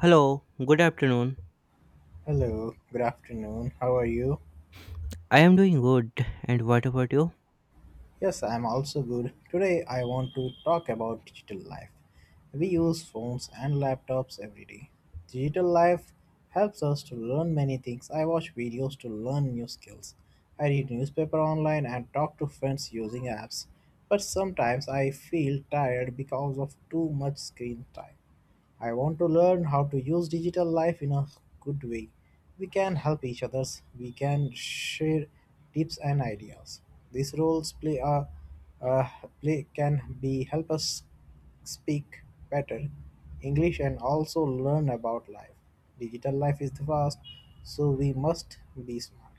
Hello, good afternoon. Hello, good afternoon. How are you? I am doing good, and what about you? Yes, I'm also good. Today I want to talk about digital life. We use phones and laptops every day. Digital life helps us to learn many things. I watch videos to learn new skills. I read newspaper online and talk to friends using apps. But sometimes I feel tired because of too much screen time. I want to learn how to use digital life in a good way. We can help each others. We can share tips and ideas. These roles play a uh, play can be help us speak better English and also learn about life. Digital life is fast, so we must be smart.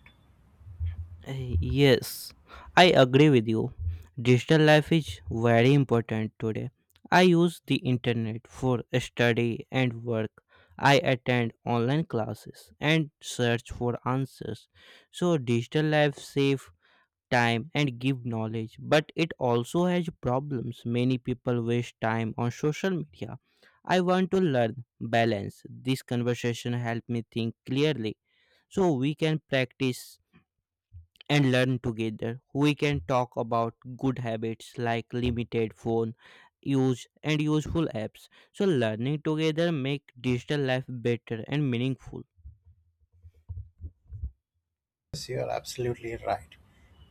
Yes, I agree with you. Digital life is very important today. I use the internet for study and work. I attend online classes and search for answers. So, digital life saves time and give knowledge, but it also has problems. Many people waste time on social media. I want to learn balance. This conversation helped me think clearly, so we can practice and learn together. We can talk about good habits like limited phone use and useful apps. So learning together make digital life better and meaningful. Yes, you're absolutely right.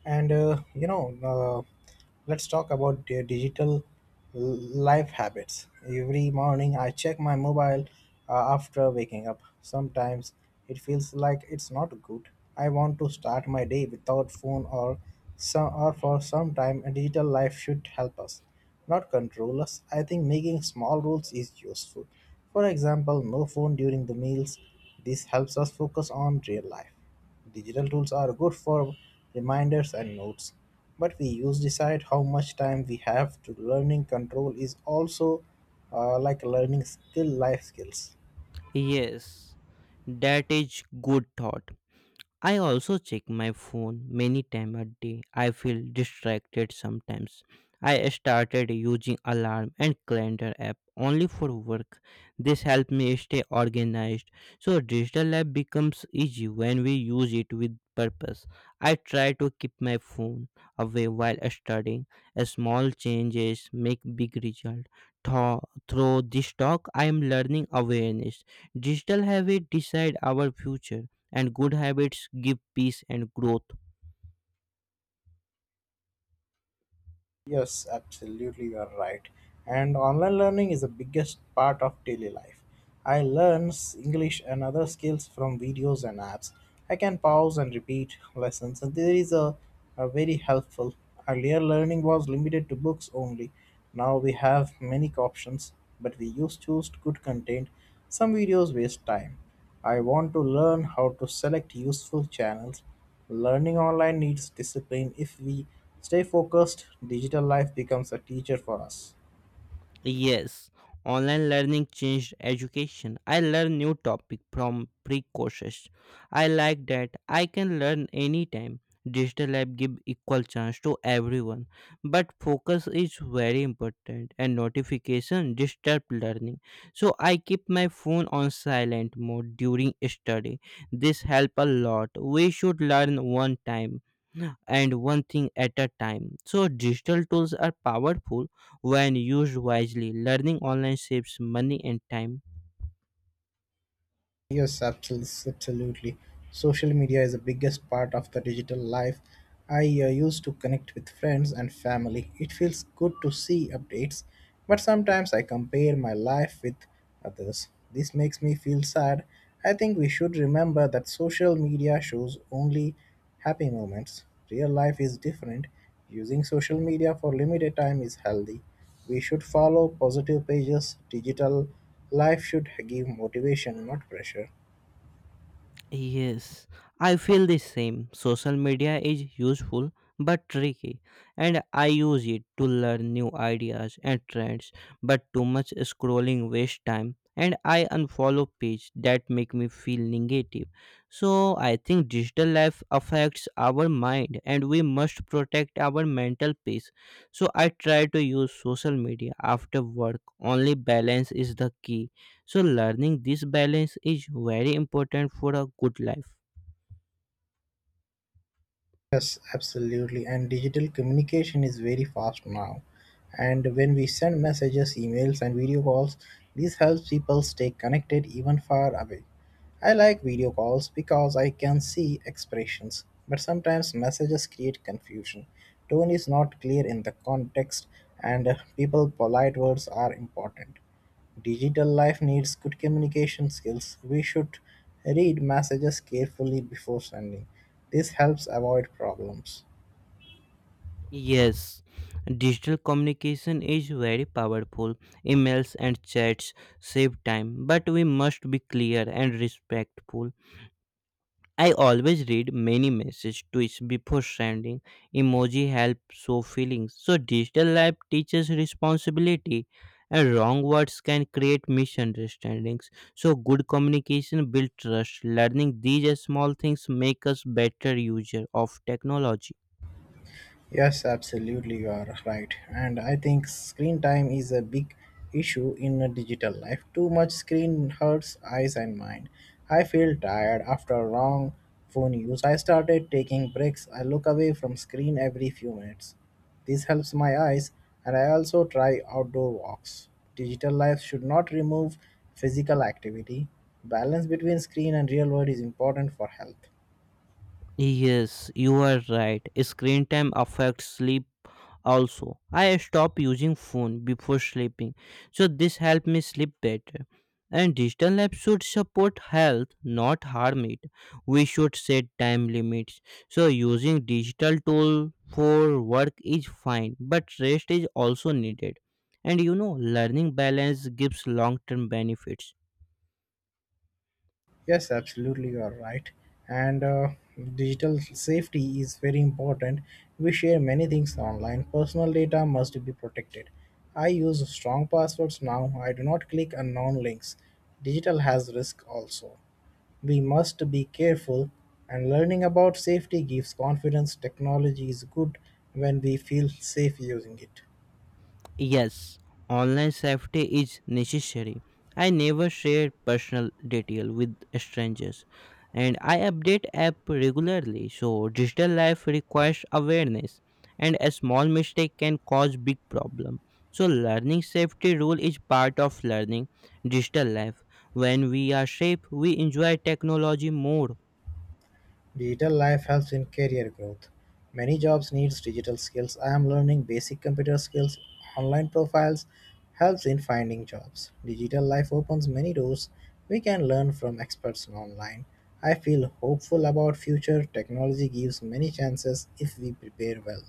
And uh, you know, uh, let's talk about the digital l- life habits. Every morning, I check my mobile after waking up. Sometimes it feels like it's not good. I want to start my day without phone or some or for some time. A digital life should help us, not control us. I think making small rules is useful. For example, no phone during the meals. This helps us focus on real life. Digital tools are good for reminders and notes, but we use decide how much time we have to learning. Control is also like learning skill, life skills. Yes, that is good thought. I also check my phone many times a day. I feel distracted sometimes. I started using alarm and calendar app only for work. This help me stay organized. So digital life becomes easy when we use it with purpose. I try to keep my phone away while studying. A small changes make big result. Tho- Through this talk, I am learning awareness. Digital habit decide our future, and good habits give peace and growth. Yes, absolutely, you are right. And online learning is the biggest part of daily life. I learn English and other skills from videos and apps. I can pause and repeat lessons, and there is a very helpful. Earlier, learning was limited to books only. Now we have many options, but we use choose good content. Some videos waste time. I want to learn how to select useful channels. Learning online needs discipline. If we stay focused, digital life becomes a teacher for us. Yes, online learning changed education. I learn new topic from free courses. I like that I can learn anytime. Digital lab give equal chance to everyone, but focus is very important and notification disturb learning. So I keep my phone on silent mode during study. This help a lot. We should learn one time and one thing at a time. So, digital tools are powerful when used wisely. Learning online saves money and time. Yes, absolutely. Social media is the biggest part of the digital life. I used to connect with friends and family. It feels good to see updates, but sometimes I compare my life with others. This makes me feel sad. I think we should remember that social media shows only happy moments. Real life is different. Using social media for limited time is healthy. We should follow positive pages. Digital life should give motivation, not pressure. Yes, I feel the same. Social media is useful but tricky, and I use it to learn new ideas and trends. But too much scrolling waste time, and I unfollow pages that make me feel negative. So I think digital life affects our mind, and we must protect our mental peace. So I try to use social media after work. Only balance is the key. So, learning this balance is very important for a good life. Yes, absolutely. And digital communication is very fast now. And when we send messages, emails, and video calls, this helps people stay connected even far away. I like video calls because I can see expressions, but sometimes messages create confusion. Tone is not clear in the context, and people polite words are important. Digital life needs good communication skills. We should read messages carefully before sending. This helps avoid problems. Yes, digital communication is very powerful. Emails and chats save time, but we must be clear and respectful. I always read many messages twice before sending. Emoji help show feelings. So digital life teaches responsibility, and wrong words can create misunderstandings. So good communication builds trust. Learning these small things make us better user of technology. Yes, absolutely, you are right. And I think screen time is a big issue in a digital life. Too much screen hurts eyes and mind. I feel tired after a long phone use. I started taking breaks. I look away from screen every few minutes. This helps my eyes, and I also try outdoor walks. Digital life should not remove physical activity. Balance between screen and real world is important for health. Yes, you are right. Screen time affects sleep also. I stop using phone before sleeping, so this help me sleep better. And digital apps should support health, not harm it. We should set time limits, so using digital tool for work is fine, but rest is also needed. And you know learning balance gives long term benefits. Yes, absolutely, you are right. And Digital safety is very important. We share many things online. Personal data must be protected. I use strong passwords now. I do not click unknown links. Digital has risk also. We must be careful, and learning about safety gives confidence. Technology is good when we feel safe using it. Yes, online safety is necessary. I never share personal detail with strangers, and I update app regularly. So digital life requires awareness, and a small mistake can cause big problem. So learning safety rule is part of learning digital life. When we are safe, we enjoy technology more. Digital life helps in career growth. Many jobs needs digital skills. I am learning basic computer skills. Online profiles helps in finding jobs. Digital life opens many doors. We can learn from experts online. I feel hopeful about future. Technology gives many chances if we prepare well.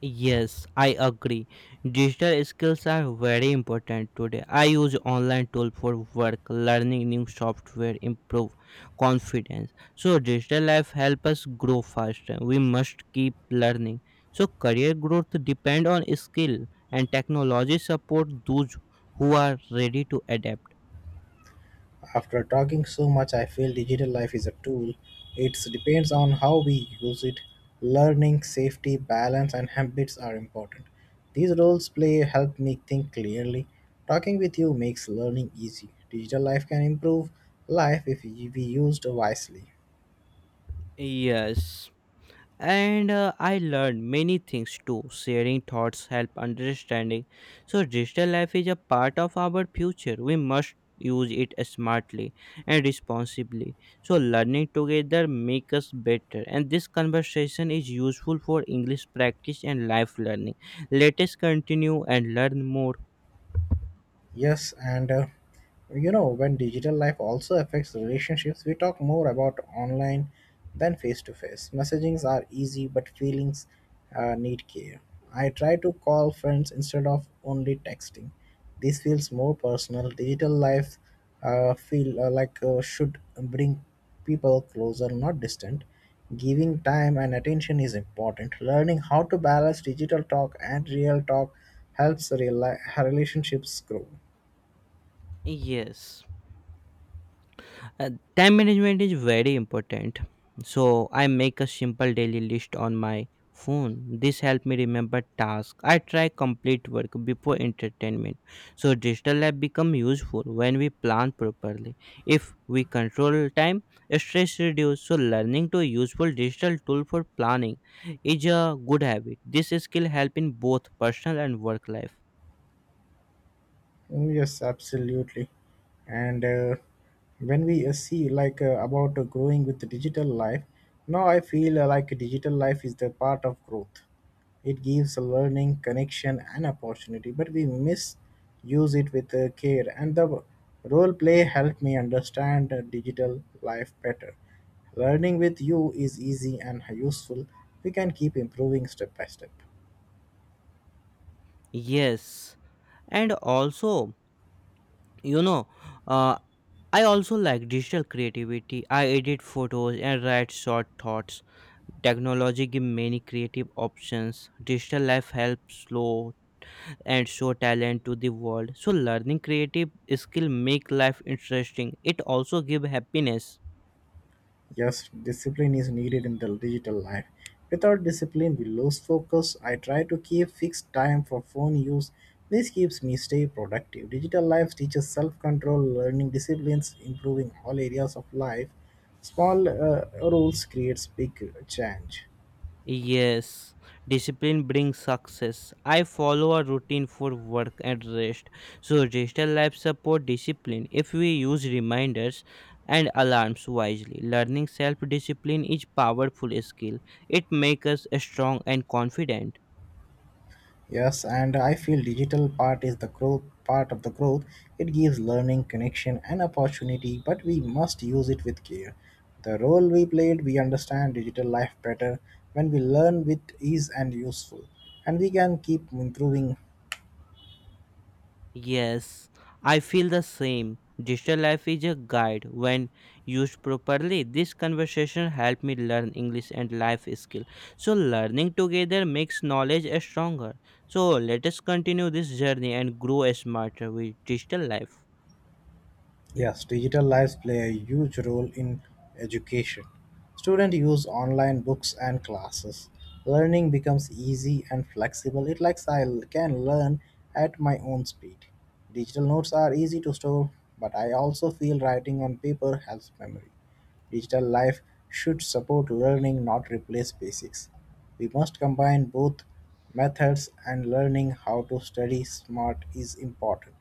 Yes, I agree. Digital skills are very important today. I use online tool for work, learning new software, improve confidence. So digital life help us grow faster. We must keep learning. So career growth depend on skill, and technology support those who are ready to adapt. After talking so much, I feel digital life is a tool. It depends on how we use it. Learning, safety, balance, and habits are important. These roles play help me think clearly. Talking with you makes learning easy. Digital life can improve life if we used wisely. Yes. And I learned many things too. Sharing thoughts help understanding, so digital life is a part of our future. We must use it smartly and responsibly, so learning together make us better. And this conversation is useful for English practice and life learning. Let us continue and learn more. Yes, when digital life also affects relationships, we talk more about online than face to face. Messagings are easy, but feelings need care. I try to call friends instead of only texting. This feels more personal. Digital life feel like should bring people closer, not distant. Giving time and attention is important. Learning how to balance digital talk and real talk helps relationships grow. Yes. Uh, Time management is very important. So I make a simple daily list on my phone. This helps me remember tasks. I try complete work before entertainment. So digital app become useful when we plan properly. If we control time, stress reduce. So learning to useful digital tool for planning is a good habit. This skill help in both personal and work life. Mm, yes, absolutely. And When we see like about growing with the digital life, now I feel like digital life is the part of growth. It gives a learning, connection, and opportunity, but we misuse it with care. And the role play helped me understand digital life better. Learning with you is easy and useful. We can keep improving step by step. Yes, and also you know. Uh, I also like digital creativity. I edit photos and write short thoughts. Technology gives many creative options. Digital life helps slow and show talent to the world. So learning creative skill make life interesting. It also give happiness. Yes, discipline is needed in the digital life. Without discipline, we lose focus. I try to keep fixed time for phone use. This keeps me stay productive. Digital life teaches self-control, learning disciplines, improving all areas of life. Small rules creates big change. Yes, discipline brings success. I follow a routine for work and rest. So digital life support discipline if we use reminders and alarms wisely. Learning self-discipline is powerful skill. It makes us strong and confident. Yes, and I feel digital part is the growth part of the growth. It gives learning, connection, and opportunity, but we must use it with care. The role we played, we understand digital life better when we learn with ease and useful, and we can keep improving. Yes, I feel the same. Digital life is a guide. When used properly, this conversation helped me learn English and life skill. So learning together makes knowledge a stronger. So let us continue this journey and grow smarter with digital life. Yes, digital lives play a huge role in education. Students use online books and classes. Learning becomes easy and flexible. It likes I can learn at my own speed. Digital notes are easy to store, but I also feel writing on paper helps memory. Digital life should support learning, not replace basics. We must combine both methods and learning how to study smart is important.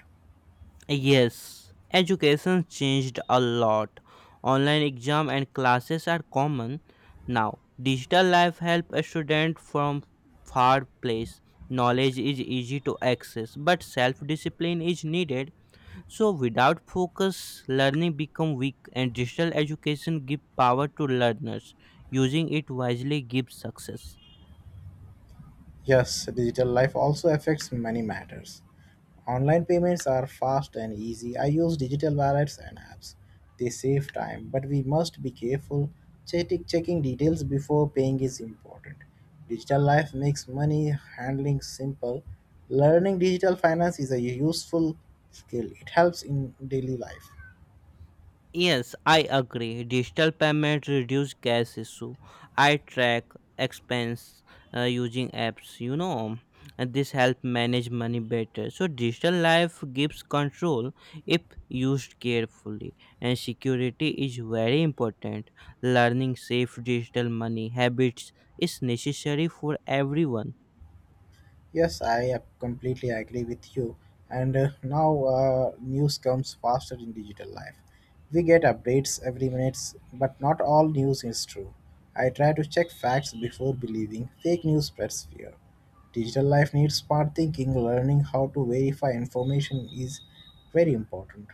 Yes, education changed a lot. Online exam and classes are common now. Digital life help a student from far place. Knowledge is easy to access, but self-discipline is needed. So without focus, learning become weak, and digital education give power to learners. Using it wisely gives success. Yes, digital life also affects many matters. Online payments are fast and easy. I use digital wallets and apps. They save time, but we must be careful. Checking details before paying is important. Digital life makes money handling simple. Learning digital finance is a useful skill, it helps in daily life. Yes, I agree. Digital payments reduce cash issue. I track expense using apps, you know, and this help manage money better. So digital life gives control if used carefully, and security is very important. Learning safe digital money habits is necessary for everyone. Yes, I completely agree with you. And now News comes faster in digital life. We get updates every minute, but not all news is true. I try to check facts before believing. Fake news spreads fear. Digital life needs smart thinking. Learning how to verify information is very important.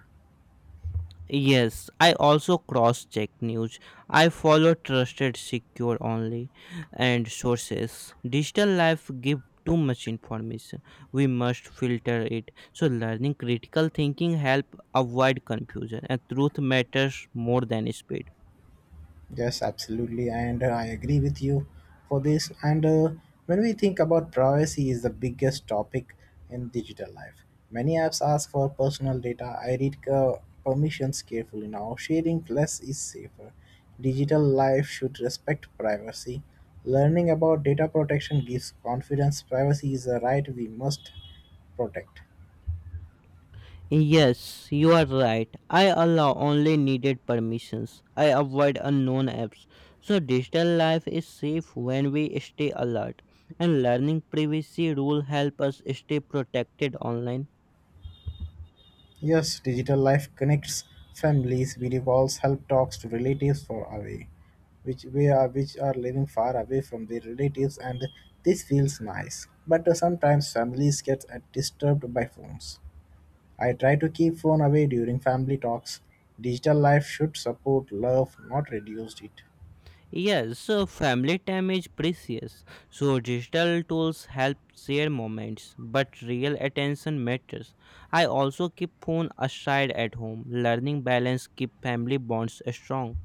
Yes, I also cross check news. I follow trusted, secure only, and sources. Digital life give too much information. We must filter it. So learning critical thinking help avoid confusion, and truth matters more than speed. Yes, absolutely, and I agree with you for this. And When we think about privacy, is the biggest topic in digital life. Many apps ask for personal data. I read permissions carefully now. Sharing less is safer. Digital life should respect privacy. Learning about data protection gives confidence. Privacy is a right we must protect. Yes, you are right. I allow only needed permissions. I avoid unknown apps. So digital life is safe when we stay alert. And learning privacy rule help us stay protected online. Yes, digital life connects families. Video calls help talks to relatives far away, which we are which are living far away from their relatives, and this feels nice. But sometimes families get disturbed by phones. I try to keep phone away during family talks. Digital life should support love, not reduce it. Yes, so family time is precious. So digital tools help share moments, but real attention matters. I also keep phone aside at home. Learning balance keep family bonds strong.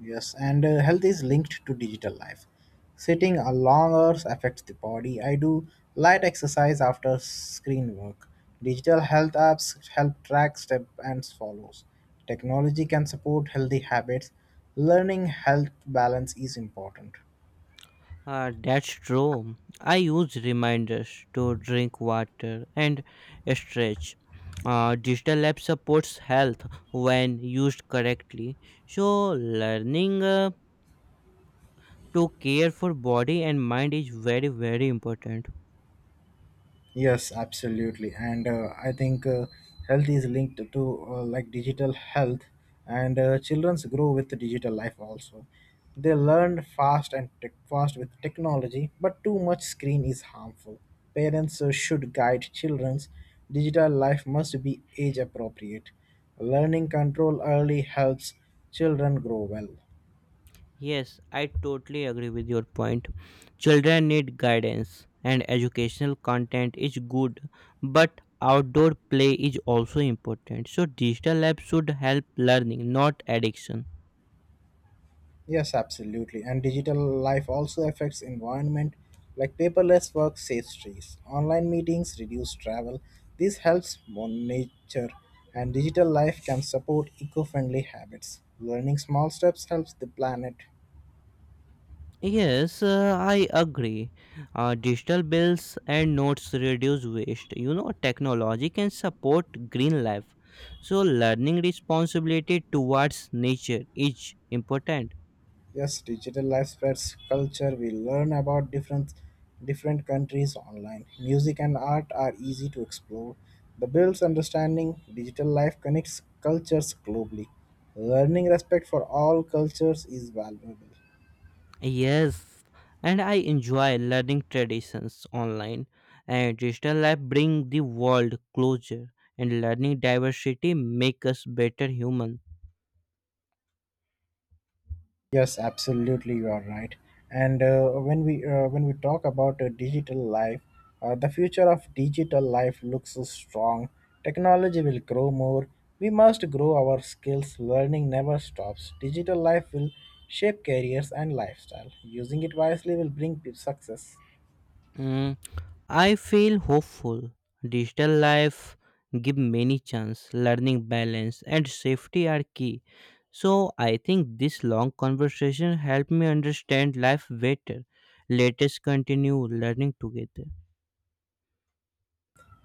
Yes, and health is linked to digital life. Sitting a long hours affects the body. I do light exercise after screen work. Digital health apps help track step and follows. Technology can support healthy habits. Learning health balance is important. That's true. I use reminders to drink water and stretch. Digital app supports health when used correctly. So, learning to care for body and mind is very, very important. Yes, absolutely. And I think Health is linked to like digital health, and childrens grow with the digital life also. They learn fast and tech fast with technology, but too much screen is harmful. Parents should guide children's digital life must be age appropriate. Learning control early helps children grow well. Yes, I totally agree with your point. Children need guidance, and educational content is good, but outdoor play is also important. So, digital apps should help learning, not addiction. Yes, absolutely. And digital life also affects environment like paperless work saves trees, online meetings reduce travel. This helps nature and digital life can support eco-friendly habits. Learning small steps helps the planet. Yes, I agree. Digital bills and notes reduce waste. You know, technology can support green life. So, learning responsibility towards nature is important. Yes, digital life spreads culture. We learn about different countries online. Music and art are easy to explore. The builds understanding. Digital life connects cultures globally. Learning respect for all cultures is valuable. Yes, and I enjoy learning traditions online. And digital life bring the world closer. And learning diversity make us better human. Yes, absolutely, you are right. And when we When we talk about digital life, the future of digital life looks strong. Technology will grow more. We must grow our skills. Learning never stops. Digital life will shape careers and lifestyle. Using it wisely will bring success. Hmm. I feel hopeful. Digital life give many chance. Learning balance and safety are key. So I think this long conversation helped me understand life better. Let us continue learning together.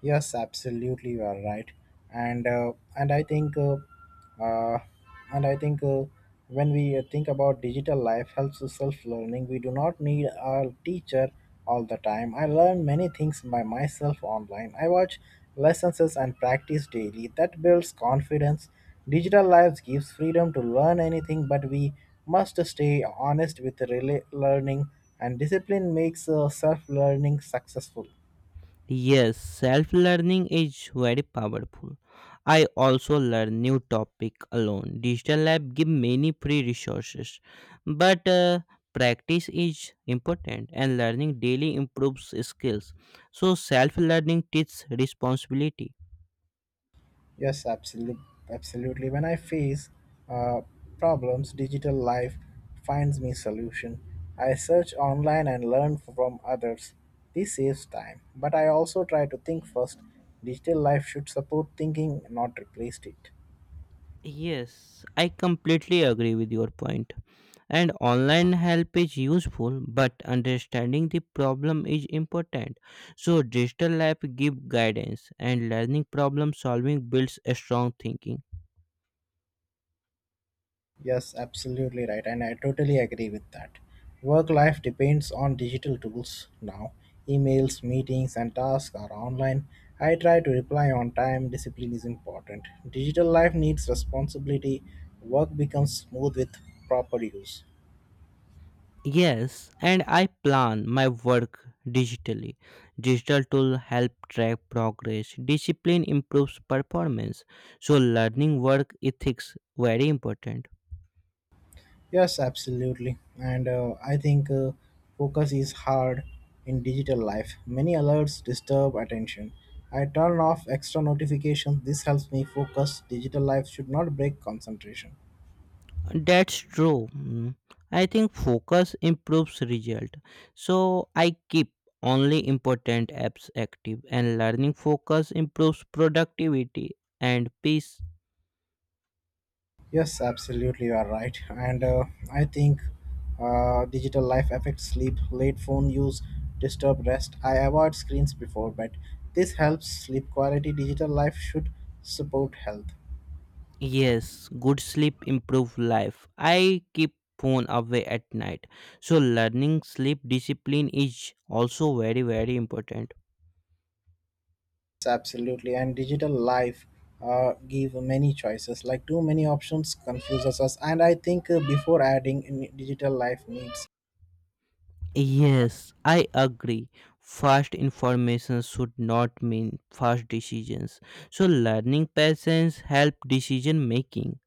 Yes, absolutely, you are right, and uh, and I think, uh, uh, and I think when we think about digital life helps with self-learning, we do not need a teacher all the time. I learn many things by myself online. I watch lessons and practice daily. That builds confidence. Digital lives gives freedom to learn anything, but we must stay honest with learning, and discipline makes self-learning successful. Yes, self learning is very powerful. I also learn new topic alone. Digital lab give many free resources, but practice is important, and learning daily improves skills. So self learning teaches responsibility. Yes, absolutely, When I face uh, problems, digital life finds me solution. I search online and learn from others. This saves time, but I also try to think first. Digital life should support thinking, not replace it. Yes, I completely agree with your point. And online help is useful, but understanding the problem is important. So digital lab give guidance, and learning problem solving builds a strong thinking. Yes, absolutely right. And I totally agree with that. Work life depends on digital tools now. Emails, meetings, and tasks are online. I try to reply on time. Discipline is important. Digital life needs responsibility. Work becomes smooth with proper use. Yes, and I plan my work digitally. Digital tool help track progress. Discipline improves performance. So learning work ethics very important. Yes, absolutely. And I think focus is hard in digital life. Many alerts disturb attention. I turn off extra notifications. This helps me focus. Digital life should not break concentration. That's true. Mm. I think focus improves result. So I keep only important apps active, and learning focus improves productivity and peace. Yes, absolutely, you are right. And I think digital life affects sleep. Late phone use disturb rest. I avoid screens before bed. This helps sleep quality. Digital life should support health. Yes, good sleep improve life. I keep phone away at night. So learning sleep discipline is also very very important. Absolutely. And digital life give many choices. Like too many options confuses us. And I think before adding in digital life needs. Yes, I agree. Fast information should not mean fast decisions. So, learning patience help decision making,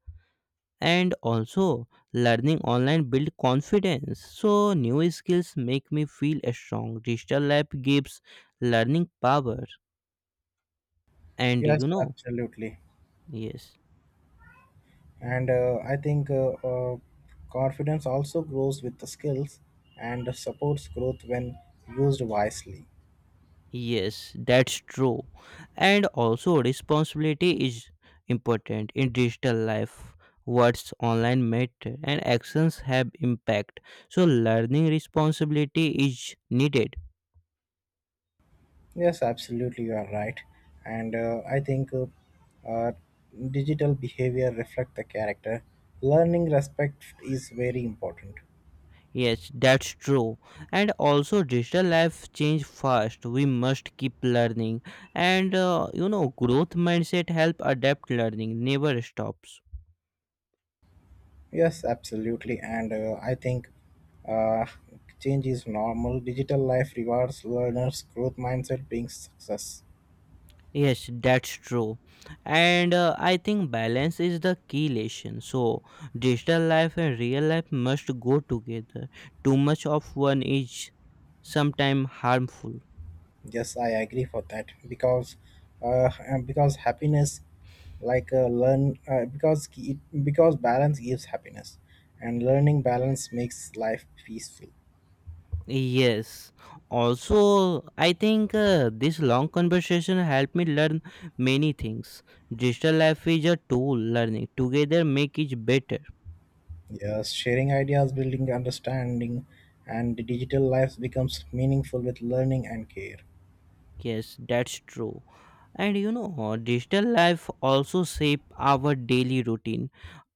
and also learning online build confidence. So, new skills make me feel strong. Digital lab gives learning power, and you Yes, know, absolutely. yes. And I think confidence also grows with the skills and supports growth when used wisely. Yes, that's true. And also, responsibility is important in digital life. Words online matter and actions have impact. So, learning responsibility is needed. Yes, absolutely, you are right. And I think uh, digital behavior reflect the character. Learning respect is very important. Yes, that's true. And also, digital life change fast. We must keep learning, and you know, growth mindset help adapt learning. Never stops. Yes, absolutely. And I think uh, change is normal. Digital life rewards learners' growth mindset being success. Yes, that's true. And I think balance is the key lesson. So, digital life and real life must go together. Too much of one is sometimes harmful. Yes, I agree for that because and because happiness, like because balance gives happiness, and learning balance makes life peaceful. Yes. Also, I think this long conversation helped me learn many things. Digital life is a tool learning. Together make it better. Yes, sharing ideas, building understanding, and digital life becomes meaningful with learning and care. Yes, that's true. And you know, digital life also shape our daily routine.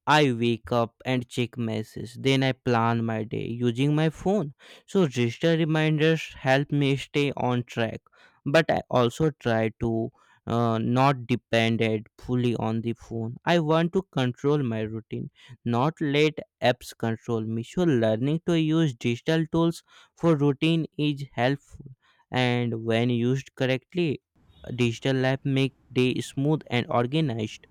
I wake up and check messages. Then I plan my day using my phone. So digital reminders help me stay on track. But I also try to not depend it fully on the phone. I want to control my routine, not let apps control me. So learning to use digital tools for routine is helpful, and when used correctly, digital app make day smooth and organized.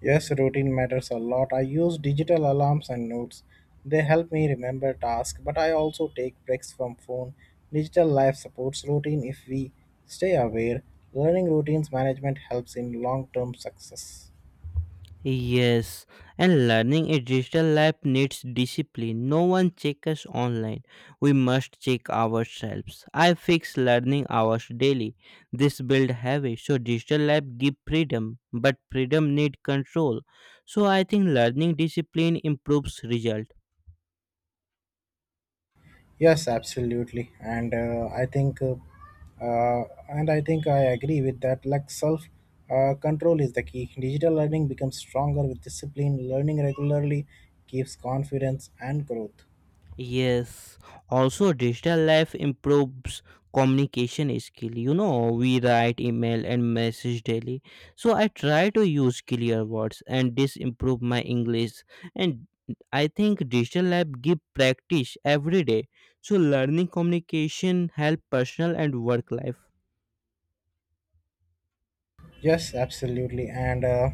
Yes, routine matters a lot. I use digital alarms and notes. They help me remember tasks, but I also take breaks from phone. Digital life supports routine if we stay aware. Learning routines management helps in long-term success. Yes, and learning a digital life needs discipline. No one checks us online. We must check ourselves. I fix learning hours daily. This build habit. So digital life give freedom, but freedom need control. So I think learning discipline improves result. Yes, absolutely. And I think uh, and I think I agree with that. Like self control is the key. Digital learning becomes stronger with discipline. Learning regularly keeps confidence and growth. Yes, also digital life improves communication skill. You know, we write email and message daily. So I try to use clear words and this improve my English. And I think digital lab give practice every day. So learning communication help personal and work life. Yes, absolutely. And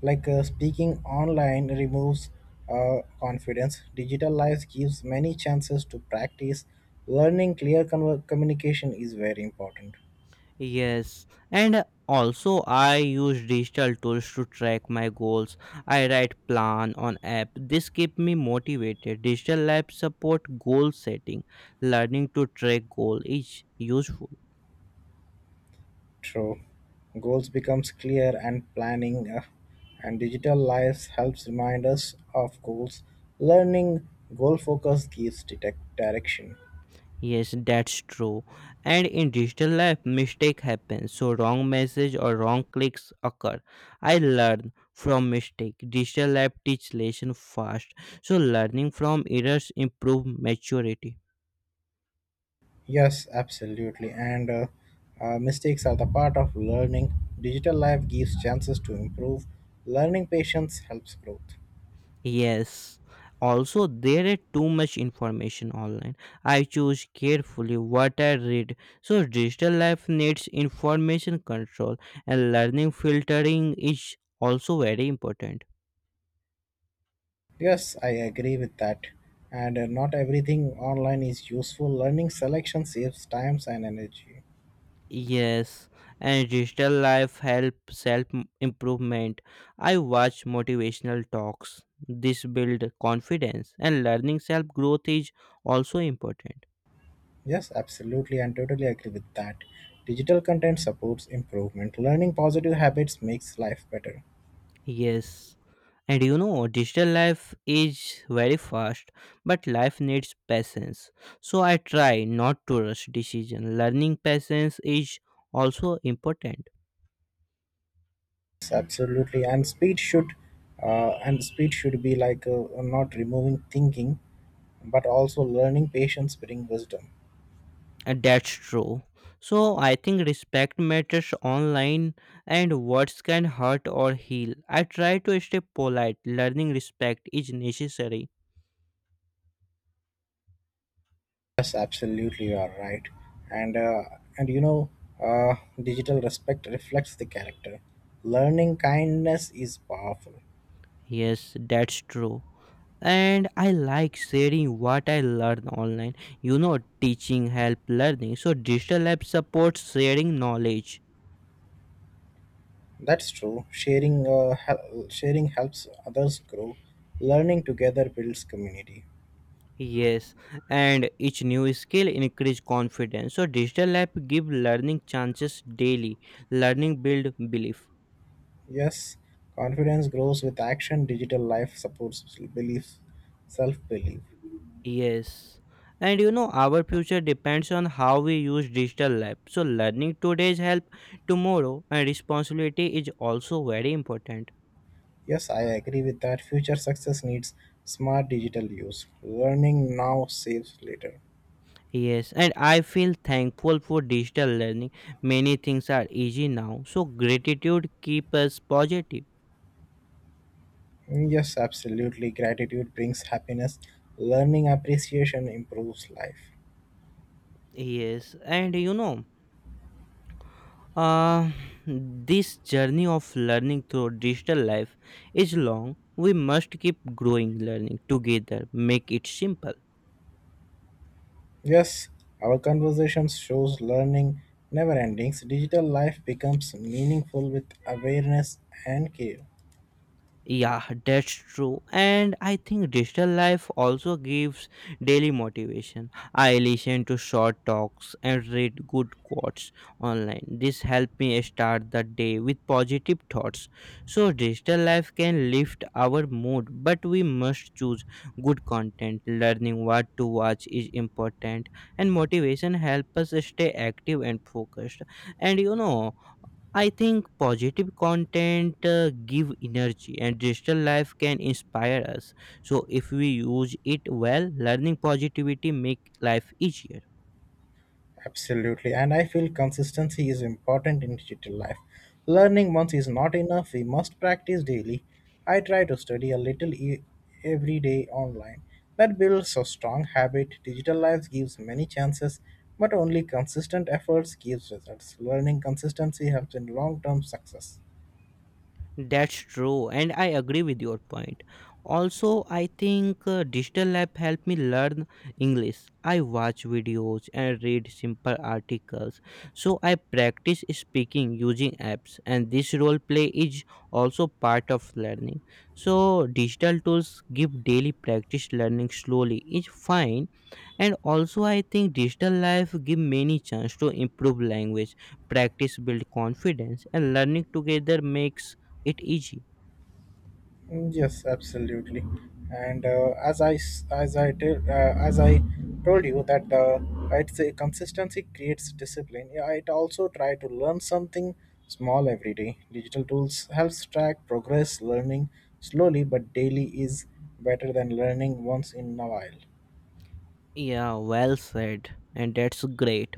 like speaking online removes confidence. Digital lives gives many chances to practice. Learning clear conver communication is very important. Yes, and also I use digital tools to track my goals. I write plan on app. This keep me motivated. Digital lab support goal setting. Learning to track goal is useful. True. Goals becomes clear and planning and digital lives helps remind us of goals. Learning goal focus gives detect direction. Yes, that's true. And in digital life, mistake happens, so wrong message or wrong clicks occur. I learn from mistake. Digital life teach lesson fast, so learning from errors improve maturity. Yes, absolutely. And mistakes are the part of learning. Digital life gives chances to improve. Learning patience helps growth. Yes. Also, there is too much information online. I choose carefully what I read. So, digital life needs information control, and learning filtering is also very important. Yes, I agree with that. And not everything online is useful. Learning selection saves times and energy. Yes, and digital life help self improvement. I watch motivational talks. This build confidence, and learning self growth is also important. Yes, absolutely, and totally agree with that. Digital content supports improvement. Learning positive habits makes life better. Yes. And you know, digital life is very fast, but life needs patience. So I try not to rush decision. Learning patience is also important. Absolutely, and speed should be like not removing thinking but also learning patience bring wisdom. And that's true. So I think respect matters online and words can hurt or heal. I try to stay polite. Learning respect is necessary. Yes, absolutely, you are right. And and you know, uh, digital respect reflects the character. Learning kindness is powerful. Yes, that's true. And I like sharing what I learn online. You know, teaching help learning, so digital app supports sharing knowledge. That's true. Sharing helps others grow. Learning together builds community. Yes, and each new skill increase confidence, so digital app give learning chances daily. Learning build belief. Yes, confidence grows with action. Digital life supports belief, self belief. Yes, and you know, our future depends on how we use digital lab, so learning today's help tomorrow, and responsibility is also very important. Yes, I agree with that. Future success needs smart digital use. Learning now saves later. Yes, and I feel thankful for digital learning. Many things are easy now, so gratitude keeps us positive. Mm, yes, absolutely. Gratitude brings happiness. Learning appreciation improves life. Yes, and you know, uh, this journey of learning through digital life is long. We must keep growing, learning together, make it simple. Yes, our conversations shows learning never endings. Digital life becomes meaningful with awareness and care. Yeah, that's true. And I think digital life also gives daily motivation. I listen to short talks and read good quotes online. This helps me start the day with positive thoughts. So, digital life can lift our mood, but we must choose good content. Learning what to watch is important, and motivation helps us stay active and focused. And you know, I think positive content give energy and digital life can inspire us. So if we use it well, learning positivity make life easier. Absolutely, and I feel consistency is important in digital life. Learning once is not enough, we must practice daily. I try to study every day online. That builds a strong habit. Digital life gives many chances, but only consistent efforts gives results. Learning consistency helps in long-term success. That's true, and I agree with your point. Also, I think digital lab helped me learn English. I watch videos and read simple articles, so I practice speaking using apps. And this role play is also part of learning. So, digital tools give daily practice, learning slowly is fine, and also I think digital life give many chance to improve language. Practice build confidence, and learning together makes it easy. Mm, yes, absolutely. And as I s- as I tell as I told you that it's a consistency creates discipline. Yeah, I also try to learn something small every day. Digital tools helps track progress, learning slowly but daily is better than learning once in a while. Yeah, well said, and that's great.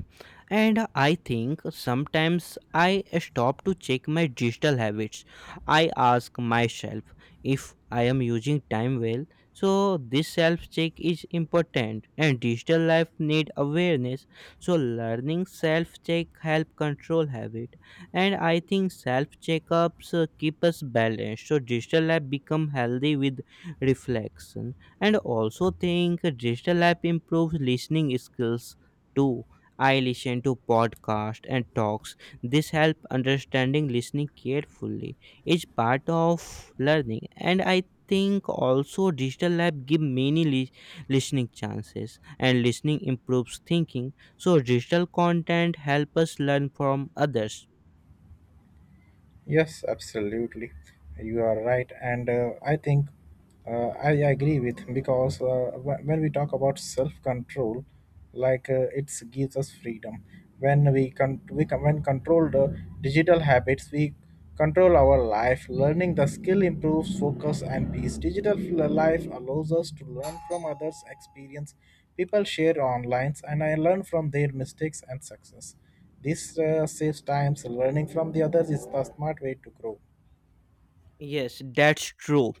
And I think sometimes I stop to check my digital habits. I ask myself if I am using time well. So this self check is important and digital life need awareness, so learning self check help control habit. And I think self checkups keep us balanced, so digital life become healthy with reflection. And also think digital app improves listening skills too. I listen to podcast and talks. This help understanding. Listening carefully is part of learning. And I think also digital lab give many listening chances, and listening improves thinking, so digital content help us learn from others. Yes, absolutely. You are right, and I think I agree with because when we talk about self-control, like it gives us freedom. When we con- when control the digital habits, we control our life. Learning the skill improves focus and peace. Digital life allows us to learn from others' experience. People share online, and I learn from their mistakes and success, this saves times. Learning from the others is the smart way to grow. Yes, that's true.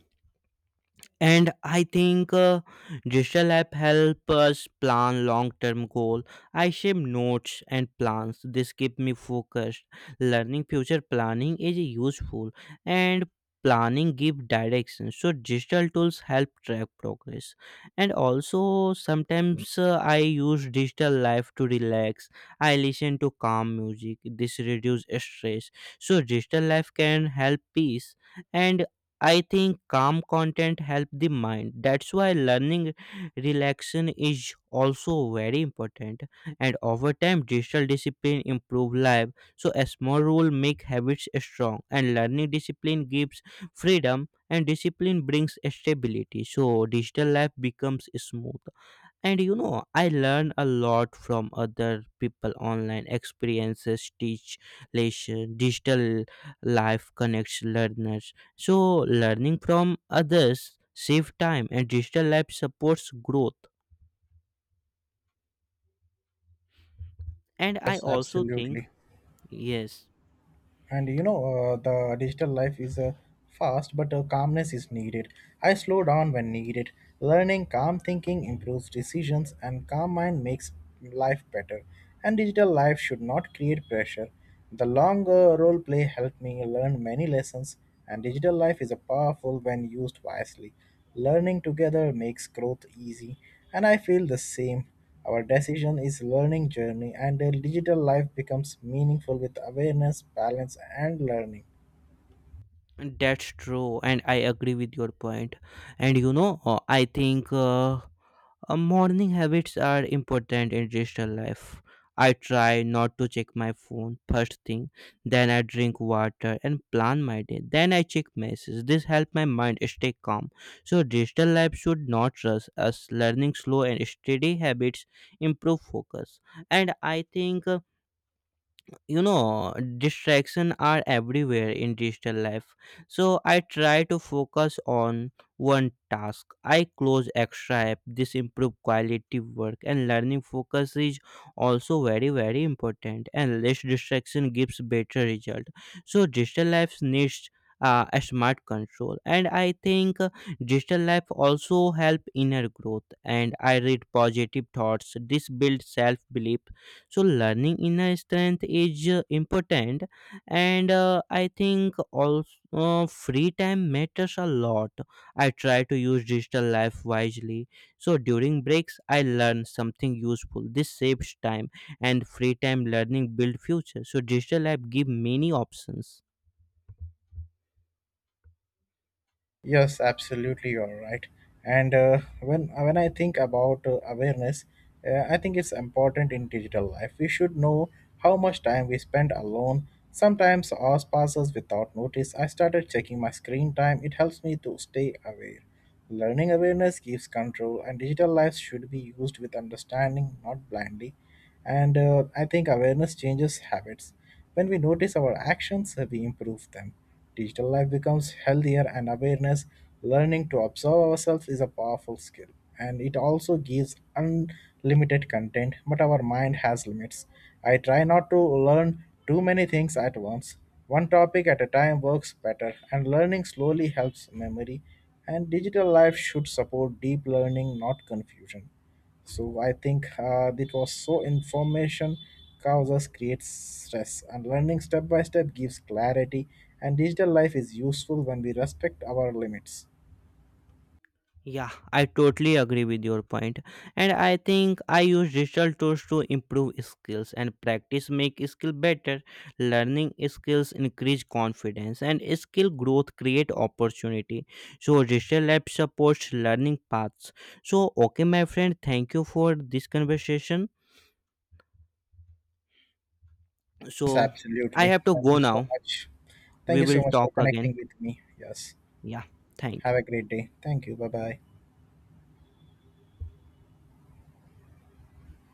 And I think digital app help us plan long term goal. I shape notes and plans. This keep me focused. Learning future planning is useful. And planning give direction, so digital tools help track progress. And also sometimes I use digital life to relax. I listen to calm music. This reduce stress, so digital life can help peace. And I think calm content help the mind. That's why learning relaxation is also very important. And over time, digital discipline improve life. So a small rule make habits strong, and learning discipline gives freedom, and discipline brings stability. So digital life becomes smooth. And you know, I learn a lot from other people online. Experiences teach lesson. Digital life connects learners. So learning from others save time and digital life supports growth. And I Yes, also think. absolutely. Yes, And you know, the digital life is fast, but calmness is needed. I slow down when needed. Learning calm thinking improves decisions, and calm mind makes life better. And digital life should not create pressure. The long role play helped me learn many lessons, and digital life is a powerful when used wisely. Learning together makes growth easy, and I feel the same. Our decision is learning journey and a digital life becomes meaningful with awareness, balance and learning. that's true and I agree with your point. And you know, I think morning habits are important in digital life. I try not to check my phone first thing, then I drink water and plan my day. Then I check messages. This helps my mind stay calm. So digital life should not rush us. Learning slow and steady habits improve focus. And I think you know, distraction are everywhere in digital life, so I try to focus on one task. I close extra app. This improve quality work, and learning focus is also very very important, and less distraction gives better result. So digital life needs a smart control. And I think digital life also help inner growth, and I read positive thoughts. This builds self belief, so learning inner strength is important. And I think also free time matters a lot. I try to use digital life wisely, so during breaks I learn something useful. This saves time, and free time learning build future, so digital app give many options. Yes, absolutely, you're right. And when I think about awareness, I think it's important in digital life. We should know how much time we spend alone. Sometimes hours passes without notice. I started checking my screen time. It helps me to stay aware. Learning awareness gives control, and digital life should be used with understanding, not blindly. And I think awareness changes habits. When we notice our actions, we improve them. Digital life becomes healthier, and awareness, learning to observe ourselves, is a powerful skill. And it also gives unlimited content, but our mind has limits. I try not to learn too many things at once. One topic at a time works better, and learning slowly helps memory. And digital life should support deep learning, not confusion. So I think that was so information causes creates stress and learning step by step gives clarity and digital life is useful when we respect our limits. Yeah, I totally agree with your point. And I think I use digital tools to improve skills, and practice make skill better. Learning skills increase confidence and skill growth create opportunity. So digital lab supports learning paths. So okay my friend, thank you for this conversation. Yes, So I absolutely. have to Thank go you so now. much. Thank We you so will much for talk again. connecting with me. Yes. Yeah, thank you. Have a great day. Thank you. Bye bye.